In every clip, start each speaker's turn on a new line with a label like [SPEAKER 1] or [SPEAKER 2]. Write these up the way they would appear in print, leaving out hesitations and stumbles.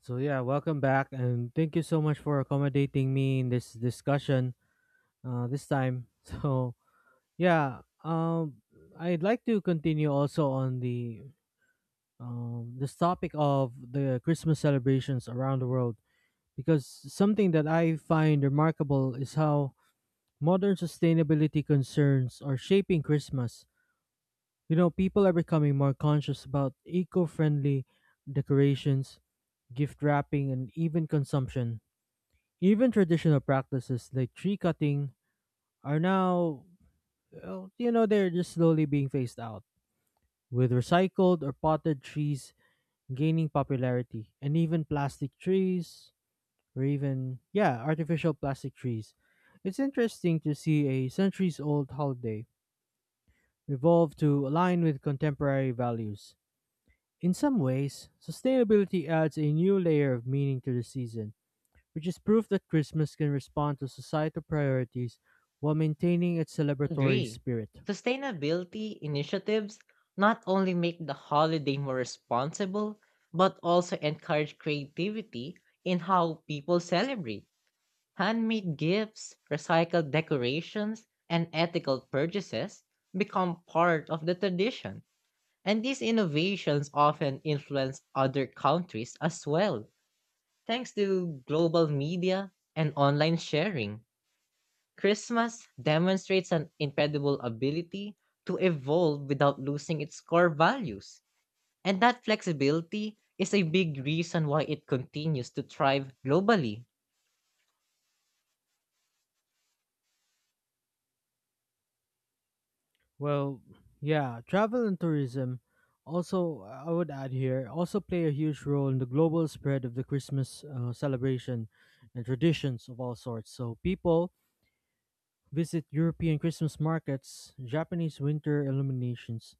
[SPEAKER 1] So yeah, welcome back, and thank you so much for accommodating me in this discussion this time. So yeah, I'd like to continue also on the this topic of the Christmas celebrations around the world, because something that I find remarkable is how modern sustainability concerns are shaping Christmas. You know, people are becoming more conscious about eco-friendly decorations, gift wrapping, and even consumption. Even traditional practices like tree cutting are now, they're just slowly being phased out, with recycled or potted trees gaining popularity, and even plastic trees, or even, yeah, artificial plastic trees. It's interesting to see a centuries old holiday evolve to align with contemporary values. In some ways, sustainability adds a new layer of meaning to the season, which is proof that Christmas can respond to societal priorities while maintaining its celebratory
[SPEAKER 2] Agree.
[SPEAKER 1] spirit.
[SPEAKER 2] Sustainability initiatives not only make the holiday more responsible, but also encourage creativity in how people celebrate. Handmade gifts, recycled decorations, and ethical purchases become part of the tradition. And these innovations often influence other countries as well, thanks to global media and online sharing. Christmas demonstrates an incredible ability to evolve without losing its core values. And that flexibility is a big reason why it continues to thrive globally.
[SPEAKER 1] Well, yeah, travel and tourism also, I would add here, also play a huge role in the global spread of the Christmas celebration and traditions of all sorts. So, people visit European Christmas markets, Japanese winter illuminations,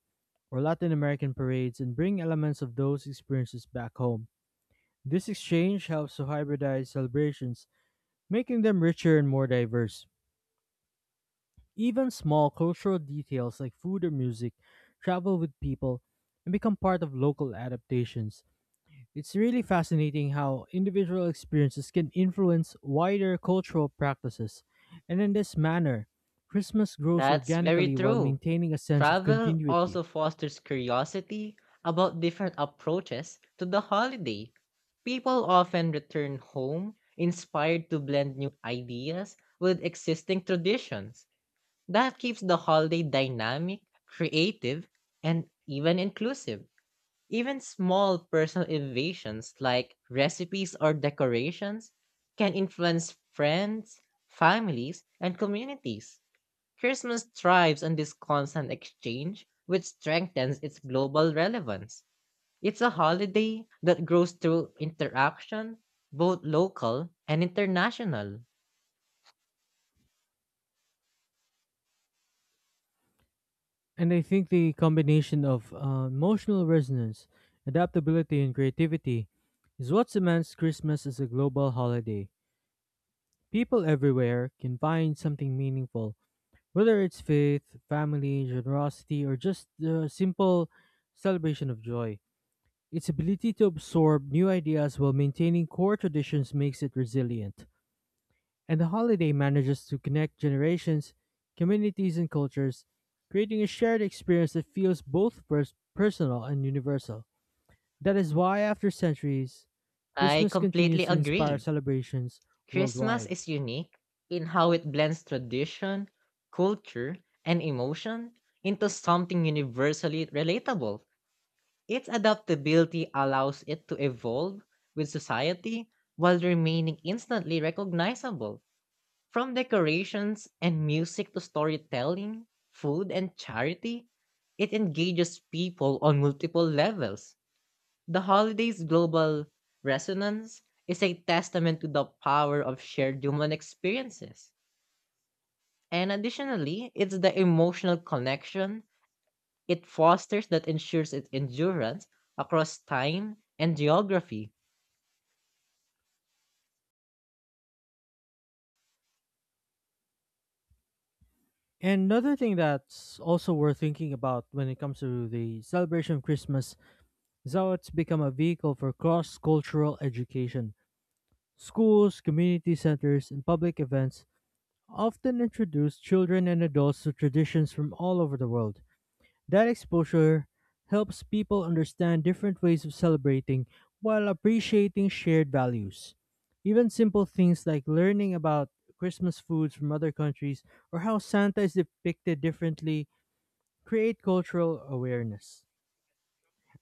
[SPEAKER 1] or Latin American parades, and bring elements of those experiences back home. This exchange helps to hybridize celebrations, making them richer and more diverse. Even small cultural details like food or music travel with people and become part of local adaptations. It's really fascinating how individual experiences can influence wider cultural practices. And in this manner, Christmas grows
[SPEAKER 2] That's very
[SPEAKER 1] organically while
[SPEAKER 2] true.
[SPEAKER 1] maintaining a sense of
[SPEAKER 2] Travel
[SPEAKER 1] continuity.
[SPEAKER 2] also fosters curiosity about different approaches to the holiday. People often return home inspired to blend new ideas with existing traditions. That keeps the holiday dynamic, creative, and even inclusive. Even small personal innovations like recipes or decorations can influence friends, families, and communities. Christmas thrives on this constant exchange, which strengthens its global relevance. It's a holiday that grows through interaction, both local and international.
[SPEAKER 1] And I think the combination of emotional resonance, adaptability, and creativity is what cements Christmas as a global holiday. People everywhere can find something meaningful, whether it's faith, family, generosity, or just the simple celebration of joy. Its ability to absorb new ideas while maintaining core traditions makes it resilient. And the holiday manages to connect generations, communities, and cultures, creating a shared experience that feels both personal and universal. That is why, after centuries,
[SPEAKER 2] I
[SPEAKER 1] Christmas continues
[SPEAKER 2] completely
[SPEAKER 1] to inspire
[SPEAKER 2] agree.
[SPEAKER 1] celebrations
[SPEAKER 2] Christmas
[SPEAKER 1] worldwide.
[SPEAKER 2] is unique in how it blends tradition, culture, and emotion into something universally relatable. Its adaptability allows it to evolve with society while remaining instantly recognizable. From decorations and music to storytelling, food and charity, it engages people on multiple levels. The holiday's global resonance is a testament to the power of shared human experiences. And additionally, it's the emotional connection it fosters that ensures its endurance across time and geography.
[SPEAKER 1] Another thing that's also worth thinking about when it comes to the celebration of Christmas is how it's become a vehicle for cross cultural education. Schools, community centers, and public events often introduce children and adults to traditions from all over the world. That exposure helps people understand different ways of celebrating while appreciating shared values. Even simple things like learning about Christmas foods from other countries, or how Santa is depicted differently, create cultural awareness.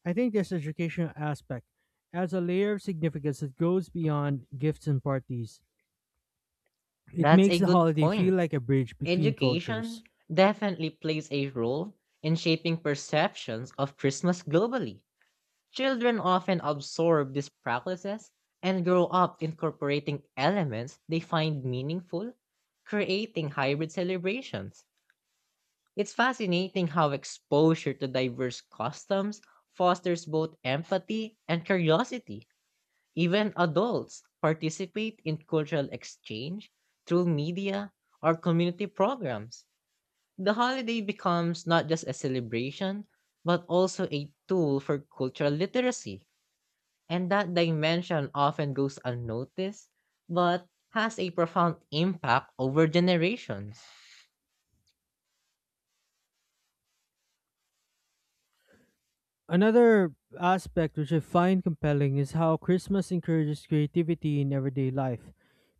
[SPEAKER 1] I think this educational aspect adds a layer of significance that goes beyond gifts and parties. It
[SPEAKER 2] That's
[SPEAKER 1] makes
[SPEAKER 2] a
[SPEAKER 1] the
[SPEAKER 2] good
[SPEAKER 1] holiday feel
[SPEAKER 2] point.
[SPEAKER 1] like a bridge between cultures.
[SPEAKER 2] Education definitely plays a role in shaping perceptions of Christmas globally. Children often absorb these practices and grow up incorporating elements they find meaningful, creating hybrid celebrations. It's fascinating how exposure to diverse customs fosters both empathy and curiosity. Even adults participate in cultural exchange through media or community programs. The holiday becomes not just a celebration, but also a tool for cultural literacy. And that dimension often goes unnoticed, but has a profound impact over generations.
[SPEAKER 1] Another aspect which I find compelling is how Christmas encourages creativity in everyday life.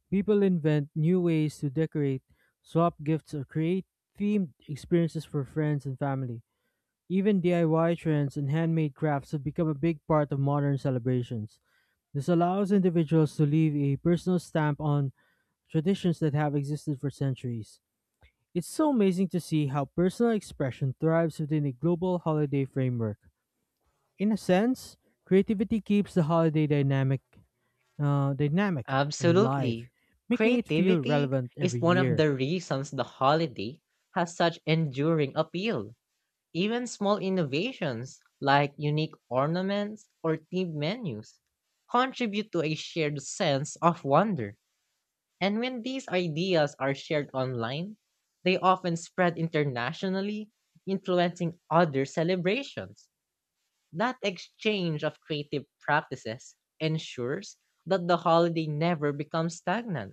[SPEAKER 1] People invent new ways to decorate, swap gifts, or create themed experiences for friends and family. Even DIY trends and handmade crafts have become a big part of modern celebrations. This allows individuals to leave a personal stamp on traditions that have existed for centuries. It's so amazing to see how personal expression thrives within a global holiday framework. In a sense, creativity keeps the holiday dynamic and live,
[SPEAKER 2] Absolutely.
[SPEAKER 1] making it feel
[SPEAKER 2] Creativity
[SPEAKER 1] relevant
[SPEAKER 2] is
[SPEAKER 1] every
[SPEAKER 2] one of
[SPEAKER 1] year.
[SPEAKER 2] the reasons the holiday has such enduring appeal. Even small innovations like unique ornaments or themed menus contribute to a shared sense of wonder. And when these ideas are shared online, they often spread internationally, influencing other celebrations. That exchange of creative practices ensures that the holiday never becomes stagnant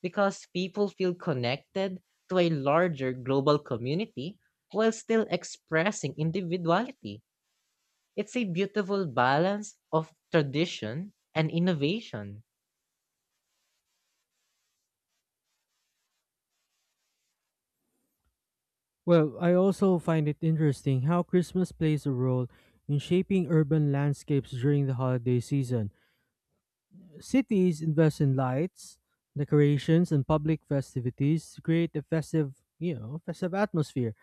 [SPEAKER 2] because people feel connected to a larger global community while still expressing individuality. It's a beautiful balance of tradition and innovation.
[SPEAKER 1] Well, I also find it interesting how Christmas plays a role in shaping urban landscapes during the holiday season. Cities invest in lights, decorations, and public festivities to create a festive, festive atmosphere.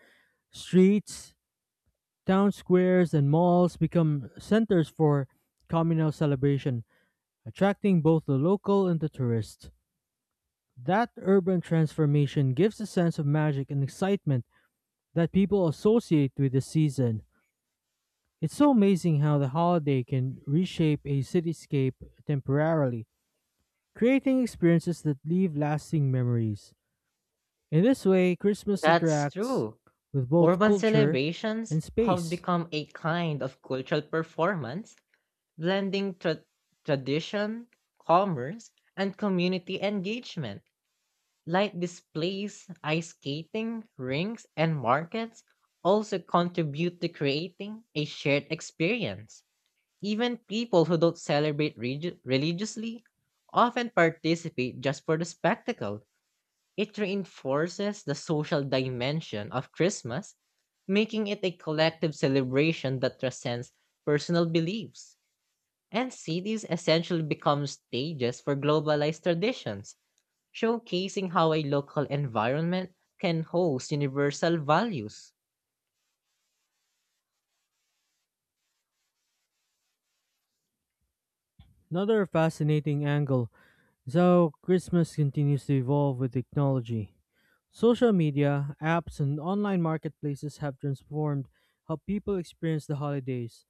[SPEAKER 1] Streets, town squares, and malls become centers for communal celebration, attracting both the local and the tourist. That urban transformation gives a sense of magic and excitement that people associate with the season. It's so amazing how the holiday can reshape a cityscape temporarily, creating experiences that leave lasting memories. In this way, Christmas
[SPEAKER 2] That's
[SPEAKER 1] interacts
[SPEAKER 2] true.
[SPEAKER 1] with both
[SPEAKER 2] Urban
[SPEAKER 1] culture and
[SPEAKER 2] celebrations have
[SPEAKER 1] space.
[SPEAKER 2] become a kind of cultural performance, blending tradition, commerce, and community engagement. Light displays, ice skating, rings, and markets also contribute to creating a shared experience. Even people who don't celebrate religiously often participate just for the spectacle. It reinforces the social dimension of Christmas, making it a collective celebration that transcends personal beliefs. And cities essentially become stages for globalized traditions showcasing how a local environment can host universal values.
[SPEAKER 1] Another fascinating angle is how Christmas continues to evolve with technology. Social media, apps, and online marketplaces have transformed how people experience the holidays.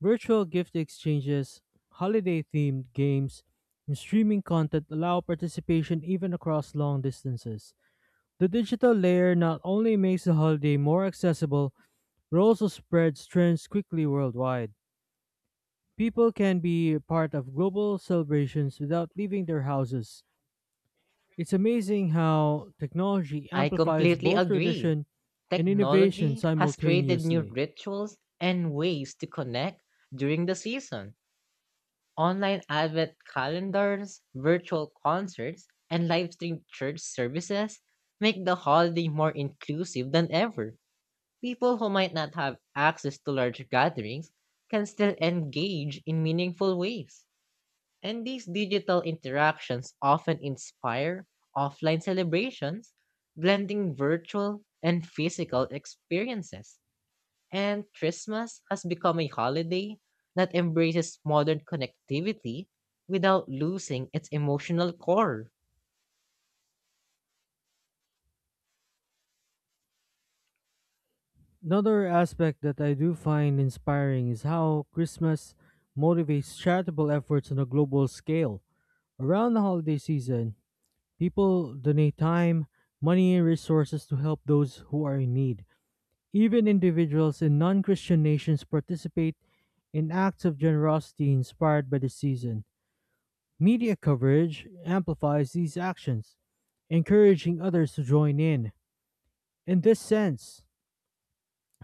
[SPEAKER 1] Virtual gift exchanges, holiday themed games, and streaming content allow participation even across long distances. The digital layer not only makes the holiday more accessible, but also spreads trends quickly worldwide. People can be part of global celebrations without leaving their houses. It's amazing how technology
[SPEAKER 2] I
[SPEAKER 1] amplifies
[SPEAKER 2] completely
[SPEAKER 1] both
[SPEAKER 2] agree.
[SPEAKER 1] tradition and innovation
[SPEAKER 2] Technology has created new
[SPEAKER 1] simultaneously.
[SPEAKER 2] rituals and ways to connect during the season. Online advent calendars, virtual concerts, and live stream church services make the holiday more inclusive than ever. People who might not have access to large gatherings can still engage in meaningful ways. And these digital interactions often inspire offline celebrations, blending virtual and physical experiences. And Christmas has become a holiday that embraces modern connectivity without losing its emotional core.
[SPEAKER 1] Another aspect that I do find inspiring is how Christmas motivates charitable efforts on a global scale. Around the holiday season, people donate time, money, and resources to help those who are in need. Even individuals in non Christian nations participate in acts of generosity inspired by the season. Media coverage amplifies these actions, encouraging others to join in. In this sense,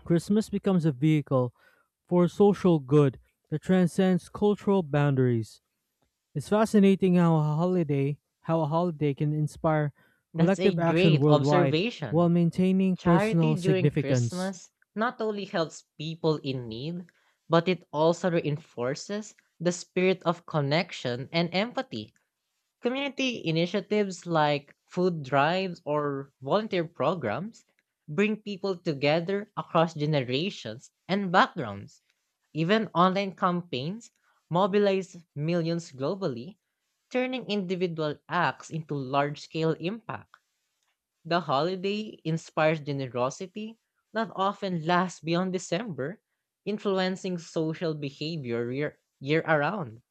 [SPEAKER 1] Christmas becomes a vehicle for social good that transcends cultural boundaries. It's fascinating how a holiday can inspire
[SPEAKER 2] That's a
[SPEAKER 1] collective action
[SPEAKER 2] great
[SPEAKER 1] worldwide while
[SPEAKER 2] observation.
[SPEAKER 1] maintaining personal
[SPEAKER 2] Charity during
[SPEAKER 1] significance.
[SPEAKER 2] Christmas not only helps people in need, but it also reinforces the spirit of connection and empathy. Community initiatives like food drives or volunteer programs bring people together across generations and backgrounds. Even online campaigns mobilize millions globally, turning individual acts into large scale impact. The holiday inspires generosity that often lasts beyond December, influencing social behavior year around.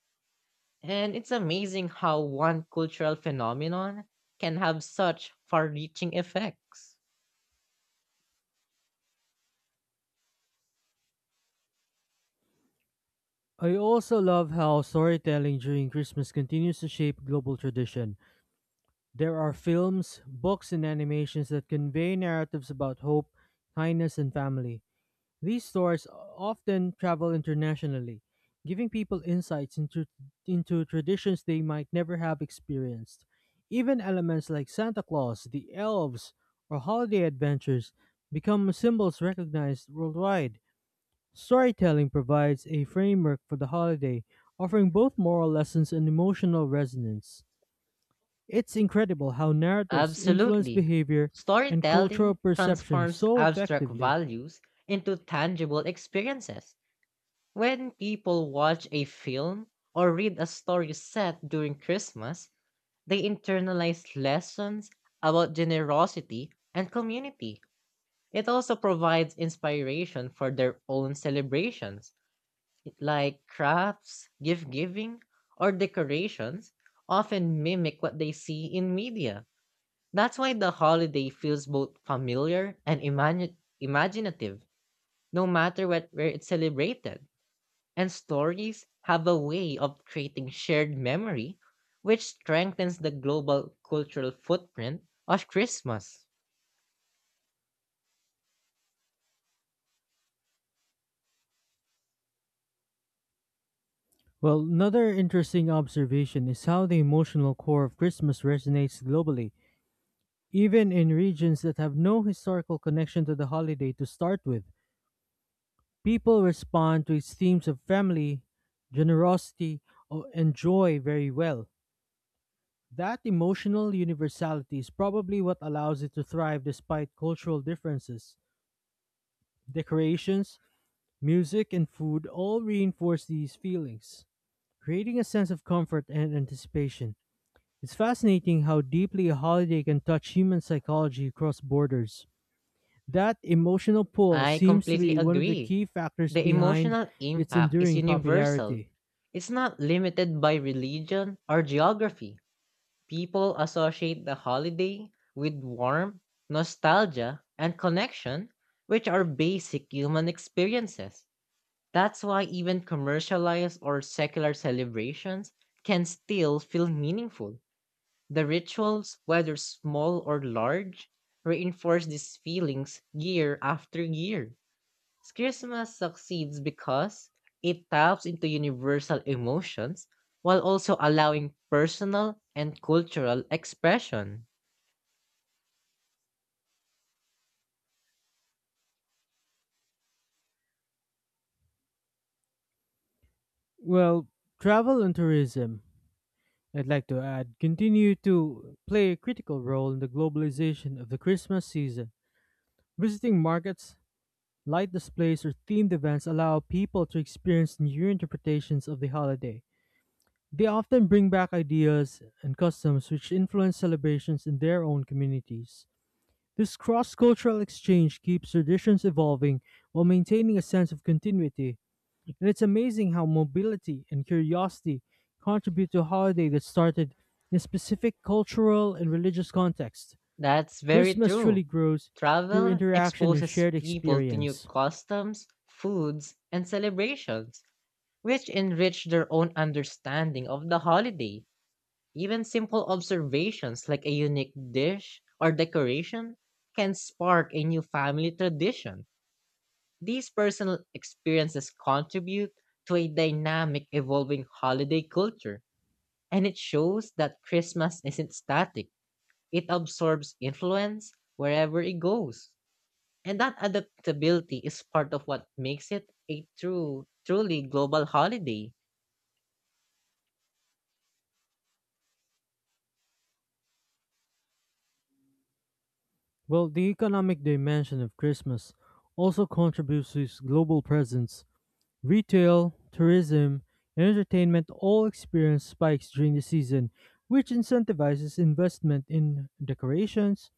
[SPEAKER 2] And it's amazing how one cultural phenomenon can have such far reaching effects.
[SPEAKER 1] I also love how storytelling during Christmas continues to shape global tradition. There are films, books, and animations that convey narratives about hope, kindness, and family. These stores often travel internationally, giving into traditions they might never have experienced. Even elements like Santa Claus, the elves, or holiday adventures become symbols recognized worldwide. Storytelling provides a framework for the holiday, offering both moral lessons and emotional resonance. It's incredible how narratives influence
[SPEAKER 2] Absolutely.
[SPEAKER 1] behavior and cultural
[SPEAKER 2] Storytelling
[SPEAKER 1] perception
[SPEAKER 2] transforms
[SPEAKER 1] so
[SPEAKER 2] abstract
[SPEAKER 1] effectively.
[SPEAKER 2] values into tangible experiences. When people watch a film or read a story set during Christmas, they internalize lessons about generosity and community. It also provides inspiration for their own celebrations. Like crafts, gift giving, or decorations, often mimic what they see in media. That's why the holiday feels both familiar and imaginative, no matter what, where it's celebrated. And stories have a way of creating shared memory, which strengthens the global cultural footprint of Christmas.
[SPEAKER 1] Well, another interesting observation is how the emotional core of Christmas resonates globally. Even in regions that have no historical connection to the holiday to start with, people respond to its themes of family, generosity, and joy very well. That emotional universality is probably what allows it to thrive despite cultural differences. Decorations, music, and food all reinforce these feelings, creating a sense of comfort and anticipation. It's fascinating how deeply a holiday can touch human psychology across borders. That emotional pull
[SPEAKER 2] I
[SPEAKER 1] seems to
[SPEAKER 2] completely
[SPEAKER 1] be one of the
[SPEAKER 2] agree.
[SPEAKER 1] key factors
[SPEAKER 2] The
[SPEAKER 1] behind
[SPEAKER 2] emotional
[SPEAKER 1] its
[SPEAKER 2] impact is
[SPEAKER 1] enduring
[SPEAKER 2] universal.
[SPEAKER 1] popularity.
[SPEAKER 2] It's not limited by religion or geography. People associate the holiday with warmth, nostalgia, and connection, which are basic human experiences. That's why even commercialized or secular celebrations can still feel meaningful. The rituals, whether small or large, reinforce these feelings year after year. Christmas succeeds because it taps into universal emotions while also allowing personal and cultural expression.
[SPEAKER 1] Well, travel and tourism, I'd like to add, continue to play a critical role in the globalization of the Christmas season. Visiting markets, light displays, or themed events allow people to experience new interpretations of the holiday. They often bring back ideas and customs which influence celebrations in their own communities. This cross cultural exchange keeps traditions evolving while maintaining a sense of continuity, and it's amazing how mobility and curiosity contribute to a holiday that started in a specific cultural and religious context.
[SPEAKER 2] That's very
[SPEAKER 1] Christmas
[SPEAKER 2] true.
[SPEAKER 1] truly grows through
[SPEAKER 2] Travel
[SPEAKER 1] interaction and
[SPEAKER 2] exposes
[SPEAKER 1] shared
[SPEAKER 2] people to new
[SPEAKER 1] experience.
[SPEAKER 2] customs, foods, and celebrations, which enrich their own understanding of the holiday. Even simple observations like a unique dish or decoration can spark a new family tradition. These personal experiences contribute to a dynamic, evolving holiday culture, and it shows that Christmas isn't static. It absorbs influence wherever it goes. And that adaptability is part of what makes it a true, truly global holiday.
[SPEAKER 1] Well, the economic dimension of Christmas also contributes to its global presence. Retail, tourism, and entertainment all experience spikes during the season, which incentivizes investment in decorations,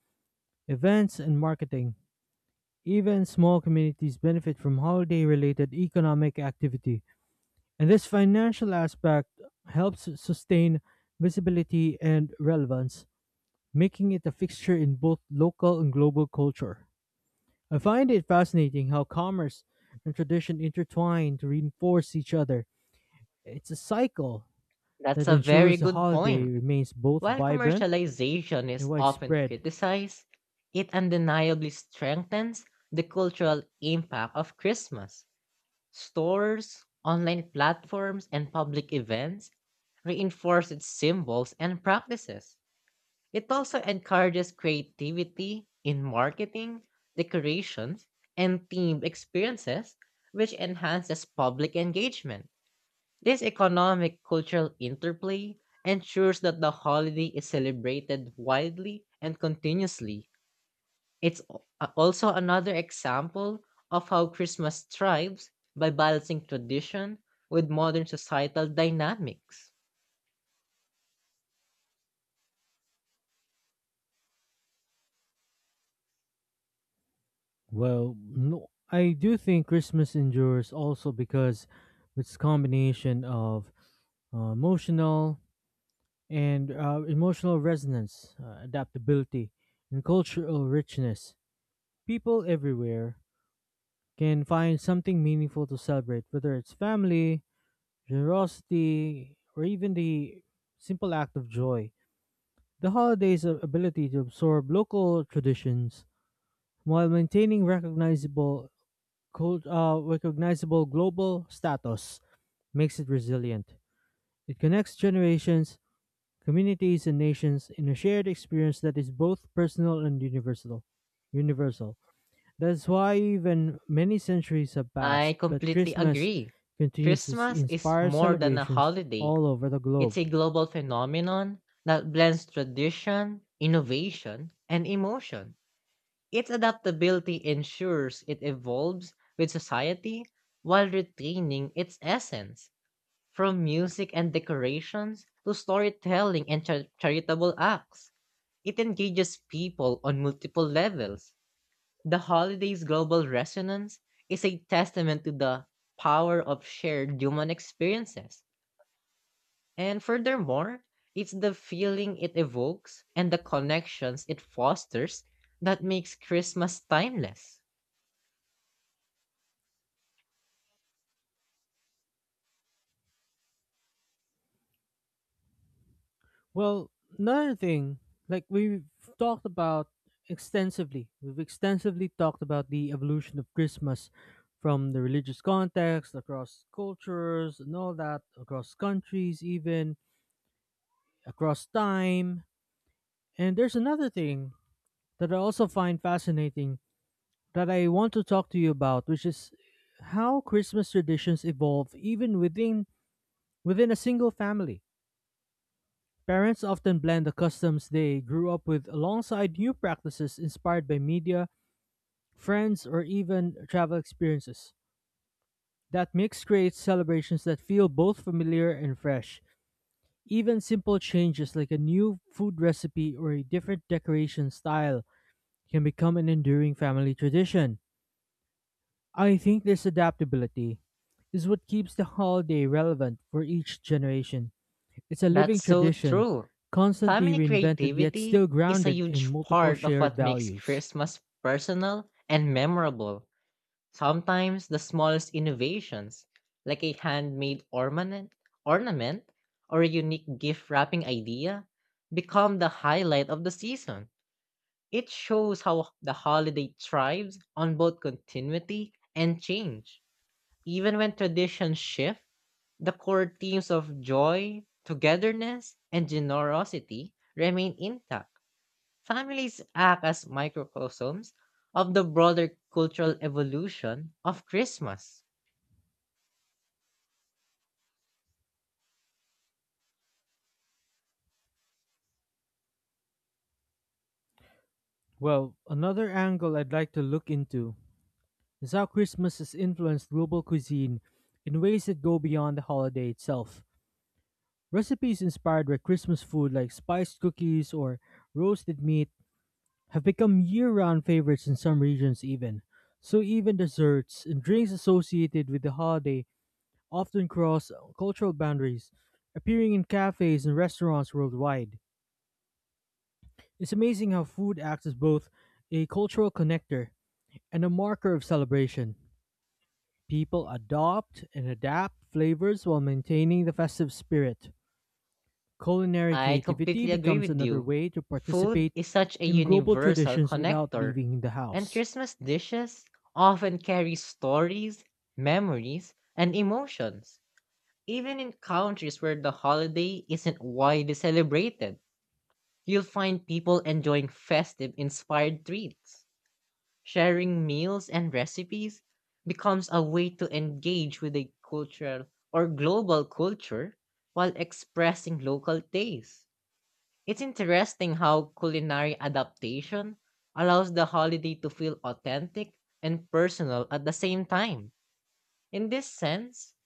[SPEAKER 1] events, and marketing. Even small communities benefit from holiday related economic activity, and this financial aspect helps sustain visibility and relevance, making it a fixture in both local and global culture. I find it fascinating how commerce and tradition intertwine to reinforce each other. It's a cycle that
[SPEAKER 2] That's a very
[SPEAKER 1] ensures the
[SPEAKER 2] good
[SPEAKER 1] holiday
[SPEAKER 2] point.
[SPEAKER 1] remains both
[SPEAKER 2] While
[SPEAKER 1] vibrant
[SPEAKER 2] commercialization
[SPEAKER 1] and
[SPEAKER 2] is often
[SPEAKER 1] widespread.
[SPEAKER 2] criticized, it undeniably strengthens the cultural impact of Christmas. Stores, online platforms, and public events reinforce its symbols and practices. It also encourages creativity in marketing, decorations, and themed experiences, which enhances public engagement. This economic cultural interplay ensures that the holiday is celebrated widely and continuously, it's also another example of how Christmas thrives by balancing tradition with modern societal dynamics.
[SPEAKER 1] Well, no, I do think Christmas endures also because it's combination of uh, emotional emotional resonance, adaptability, and cultural richness. People everywhere can find something meaningful to celebrate, whether it's family, generosity, or even the simple act of joy. The holiday's ability to absorb local traditions while maintaining recognizable global status makes it resilient. It connects generations, communities, and nations in a shared experience that is both personal and universal. Universal. That's why even many centuries have passed,
[SPEAKER 2] I
[SPEAKER 1] but
[SPEAKER 2] completely
[SPEAKER 1] Christmas
[SPEAKER 2] agree.
[SPEAKER 1] continues to
[SPEAKER 2] Christmas is
[SPEAKER 1] inspire
[SPEAKER 2] more than a
[SPEAKER 1] celebrations
[SPEAKER 2] holiday,
[SPEAKER 1] all over the
[SPEAKER 2] it's a
[SPEAKER 1] globe.
[SPEAKER 2] global phenomenon that blends tradition, innovation, and emotion. Its adaptability ensures it evolves with society while retaining its essence. From music and decorations to storytelling and charitable acts, it engages people on multiple levels. The holiday's global resonance is a testament to the power of shared human experiences. And furthermore, it's the feeling it evokes and the connections it fosters that makes Christmas timeless.
[SPEAKER 1] Well, another thing, like talked about we've extensively talked about the evolution of Christmas from the religious context, across cultures and all that, across countries, even across time. And there's another thing that I also find fascinating that I want to talk to you about, which is how Christmas traditions evolve even within a single family. Parents often blend the customs they grew up with alongside new practices inspired by media, friends, or even travel experiences. That mix creates celebrations that feel both familiar and fresh. Even simple changes like a new food recipe or a different decoration style can become an enduring family tradition. I think this adaptability is what keeps the holiday relevant for each generation. It's a living
[SPEAKER 2] That's so
[SPEAKER 1] tradition,
[SPEAKER 2] true.
[SPEAKER 1] constantly
[SPEAKER 2] Family
[SPEAKER 1] reinvented yet still
[SPEAKER 2] creativity is a
[SPEAKER 1] grounded in
[SPEAKER 2] huge
[SPEAKER 1] multiple
[SPEAKER 2] part of
[SPEAKER 1] shared
[SPEAKER 2] what makes
[SPEAKER 1] values.
[SPEAKER 2] Christmas personal and memorable. Sometimes the smallest innovations, like a handmade ornament or a unique gift wrapping idea, become the highlight of the season. It shows how the holiday thrives on both continuity and change. Even when traditions shift, the core themes of joy, togetherness, and generosity remain intact. Families act as microcosms of the broader cultural evolution of Christmas.
[SPEAKER 1] Well, another angle I'd like to look into is how Christmas has influenced global cuisine in ways that go beyond the holiday itself. Recipes inspired by Christmas food like spiced cookies or roasted meat have become year round favorites in some regions, even. So, even desserts and drinks associated with the holiday often cross cultural boundaries, appearing in cafes and restaurants worldwide. It's amazing how food acts as both a cultural connector and a marker of celebration. People adopt and adapt flavors while maintaining the festive spirit. Culinary
[SPEAKER 2] I
[SPEAKER 1] creativity
[SPEAKER 2] completely agree
[SPEAKER 1] becomes
[SPEAKER 2] with
[SPEAKER 1] another
[SPEAKER 2] you.
[SPEAKER 1] way to
[SPEAKER 2] Food
[SPEAKER 1] participate
[SPEAKER 2] is such a
[SPEAKER 1] in global
[SPEAKER 2] universal
[SPEAKER 1] traditions without
[SPEAKER 2] connector,
[SPEAKER 1] leaving the
[SPEAKER 2] and
[SPEAKER 1] house.
[SPEAKER 2] Christmas dishes often carry stories, memories, and emotions, even in countries where the holiday isn't widely celebrated. You'll find people enjoying festive inspired treats. Sharing meals and recipes becomes a way to engage with a cultural or global culture while expressing local tastes. It's interesting how culinary adaptation allows the holiday to feel authentic and personal at the same time. In this sense,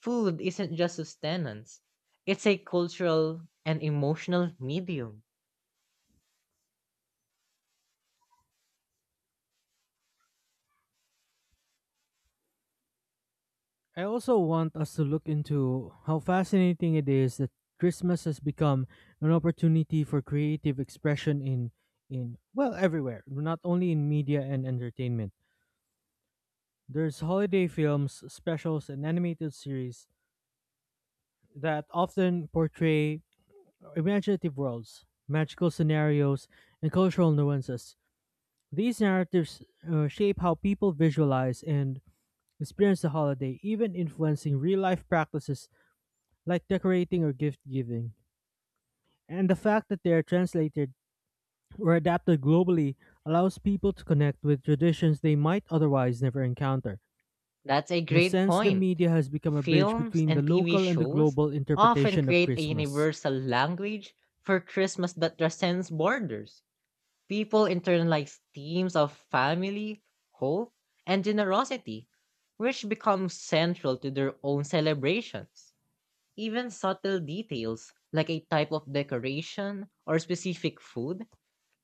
[SPEAKER 2] food isn't just sustenance, it's a cultural and emotional medium.
[SPEAKER 1] I also want us to look into how fascinating it is that Christmas has become an opportunity for creative expression in well everywhere, not only in media and entertainment. There's holiday films, specials, and animated series that often portray imaginative worlds, magical scenarios, and cultural nuances. These narratives shape how people visualize and experience the holiday, even influencing real life practices like decorating or gift giving. And the fact that they are translated or adapted globally allows people to connect with traditions they might otherwise never encounter.
[SPEAKER 2] That's a
[SPEAKER 1] In a
[SPEAKER 2] great
[SPEAKER 1] sense, the
[SPEAKER 2] point.
[SPEAKER 1] media has become a bridge
[SPEAKER 2] Films
[SPEAKER 1] between the
[SPEAKER 2] and TV
[SPEAKER 1] local and the
[SPEAKER 2] shows
[SPEAKER 1] global
[SPEAKER 2] often
[SPEAKER 1] interpretation of
[SPEAKER 2] create a
[SPEAKER 1] Christmas.
[SPEAKER 2] universal language for Christmas that transcends borders. People internalize themes of family, hope, and generosity, which become central to their own celebrations. Even subtle details, like a type of decoration or specific food,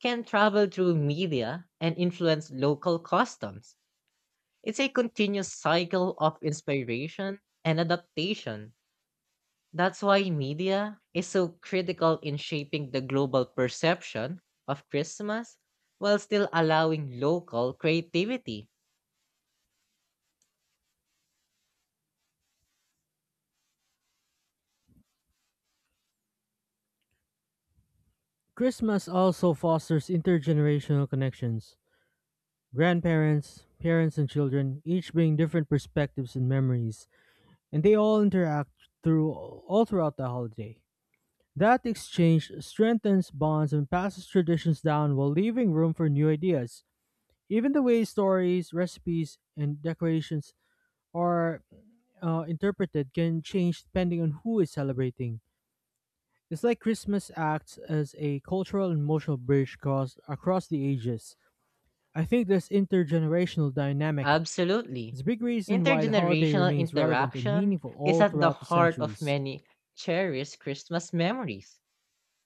[SPEAKER 2] can travel through media and influence local customs. It's a continuous cycle of inspiration and adaptation. That's why media is so critical in shaping the global perception of Christmas while still allowing local creativity.
[SPEAKER 1] Christmas also fosters intergenerational connections. Grandparents, parents, and children each bring different perspectives and memories, and they all interact through all throughout the holiday. That exchange strengthens bonds and passes traditions down while leaving room for new ideas. Even the way stories, recipes, and decorations are interpreted can change depending on who is celebrating. It's like Christmas acts as a cultural and emotional bridge across the ages. I think this intergenerational dynamic
[SPEAKER 2] Absolutely.
[SPEAKER 1] is a big reason why the holiday
[SPEAKER 2] Intergenerational
[SPEAKER 1] remains relevant and
[SPEAKER 2] interaction
[SPEAKER 1] meaningful
[SPEAKER 2] is
[SPEAKER 1] all
[SPEAKER 2] at the
[SPEAKER 1] throughout the
[SPEAKER 2] heart of
[SPEAKER 1] centuries.
[SPEAKER 2] many cherished Christmas memories.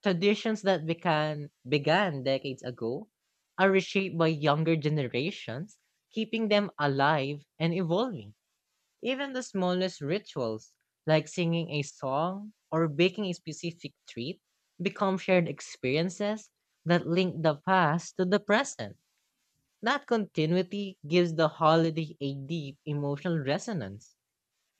[SPEAKER 2] Traditions that began decades ago are reshaped by younger generations, keeping them alive and evolving. Even the smallest rituals, like singing a song or baking a specific treat, become shared experiences that link the past to the present. That continuity gives the holiday a deep emotional resonance.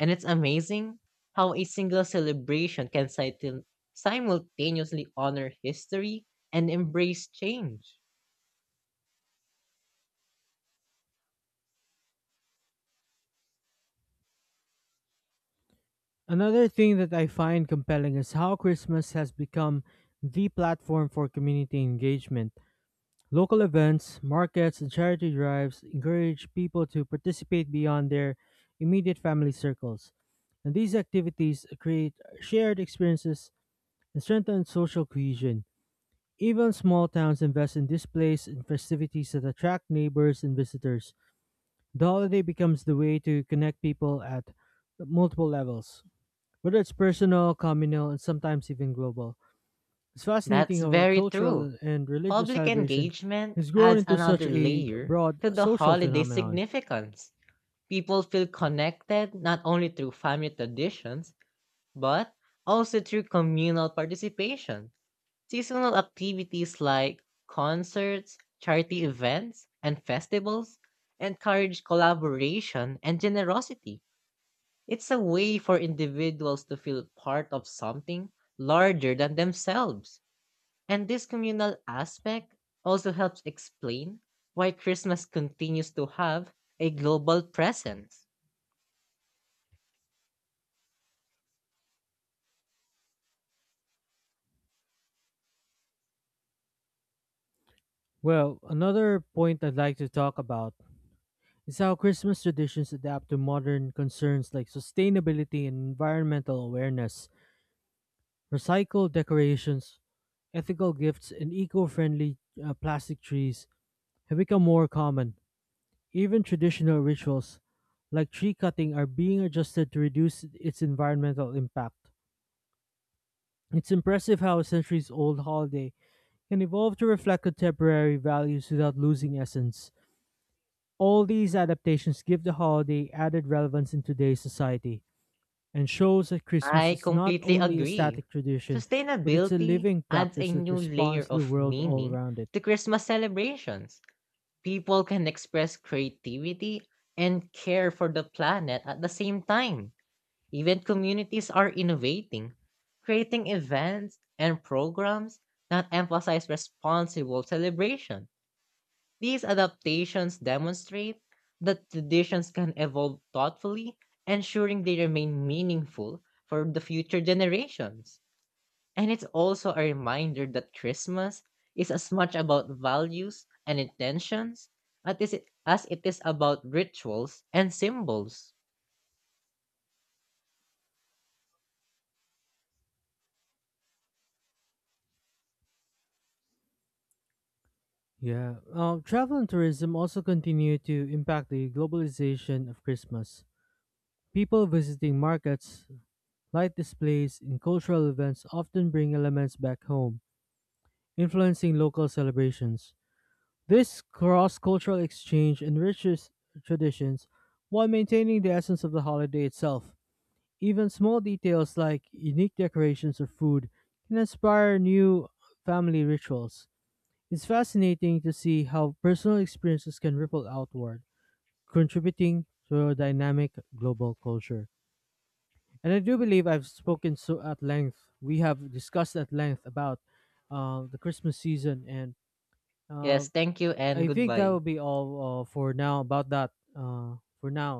[SPEAKER 2] And it's amazing how a single celebration can simultaneously honor history and embrace change.
[SPEAKER 1] Another thing that I find compelling is how Christmas has become the platform for community engagement. Local events, markets, and charity drives encourage people to participate beyond their immediate family circles. And these activities create shared experiences and strengthen social cohesion. Even small towns invest in displays and festivities that attract neighbors and visitors. The holiday becomes the way to connect people at multiple levels, whether it's personal, communal, and sometimes even global. It's fascinating
[SPEAKER 2] That's
[SPEAKER 1] how
[SPEAKER 2] very true.
[SPEAKER 1] cultural and religious
[SPEAKER 2] Public
[SPEAKER 1] celebration
[SPEAKER 2] engagement
[SPEAKER 1] has grown
[SPEAKER 2] adds
[SPEAKER 1] into such
[SPEAKER 2] another
[SPEAKER 1] a
[SPEAKER 2] layer
[SPEAKER 1] broad
[SPEAKER 2] to the
[SPEAKER 1] social
[SPEAKER 2] holiday
[SPEAKER 1] phenomenon.
[SPEAKER 2] significance. People feel connected not only through family traditions, but also through communal participation. Seasonal activities like concerts, charity events, and festivals encourage collaboration and generosity. It's a way for individuals to feel part of something larger than themselves. And this communal aspect also helps explain why Christmas continues to have a global presence.
[SPEAKER 1] Well, another point I'd like to talk about is how Christmas traditions adapt to modern concerns like sustainability and environmental awareness. Recycled decorations, ethical gifts, and eco friendly plastic trees have become more common. Even traditional rituals like tree cutting are being adjusted to reduce its environmental impact. It's impressive how a centuries old holiday can evolve to reflect contemporary values without losing essence. All these adaptations give the holiday added relevance in today's society and shows that Christmas
[SPEAKER 2] I
[SPEAKER 1] is not
[SPEAKER 2] completely
[SPEAKER 1] only a
[SPEAKER 2] agree.
[SPEAKER 1] static tradition, but it's a
[SPEAKER 2] Sustainability
[SPEAKER 1] living
[SPEAKER 2] adds
[SPEAKER 1] practice
[SPEAKER 2] a
[SPEAKER 1] that
[SPEAKER 2] new layer
[SPEAKER 1] responds to the
[SPEAKER 2] of
[SPEAKER 1] world all
[SPEAKER 2] meaning
[SPEAKER 1] around it.
[SPEAKER 2] to Christmas celebrations. People can express creativity and care for the planet at the same time. Even communities are innovating, creating events and programs that emphasize responsible celebration. These adaptations demonstrate that traditions can evolve thoughtfully, ensuring they remain meaningful for the future generations. And it's also a reminder that Christmas is as much about values and intentions as it is about rituals and symbols.
[SPEAKER 1] Yeah. Travel and tourism also continue to impact the globalization of Christmas. People visiting markets, light displays, and cultural events often bring elements back home, influencing local celebrations. This cross cultural exchange enriches traditions while maintaining the essence of the holiday itself. Even small details like unique decorations or food can inspire new family rituals. It's fascinating to see how personal experiences can ripple outward, contributing to a dynamic global culture. And I do believe I've spoken so at length. We have discussed at length about the Christmas season, and uh,
[SPEAKER 2] Yes, thank you and
[SPEAKER 1] I think that
[SPEAKER 2] goodbye.
[SPEAKER 1] will be all for now about that for now.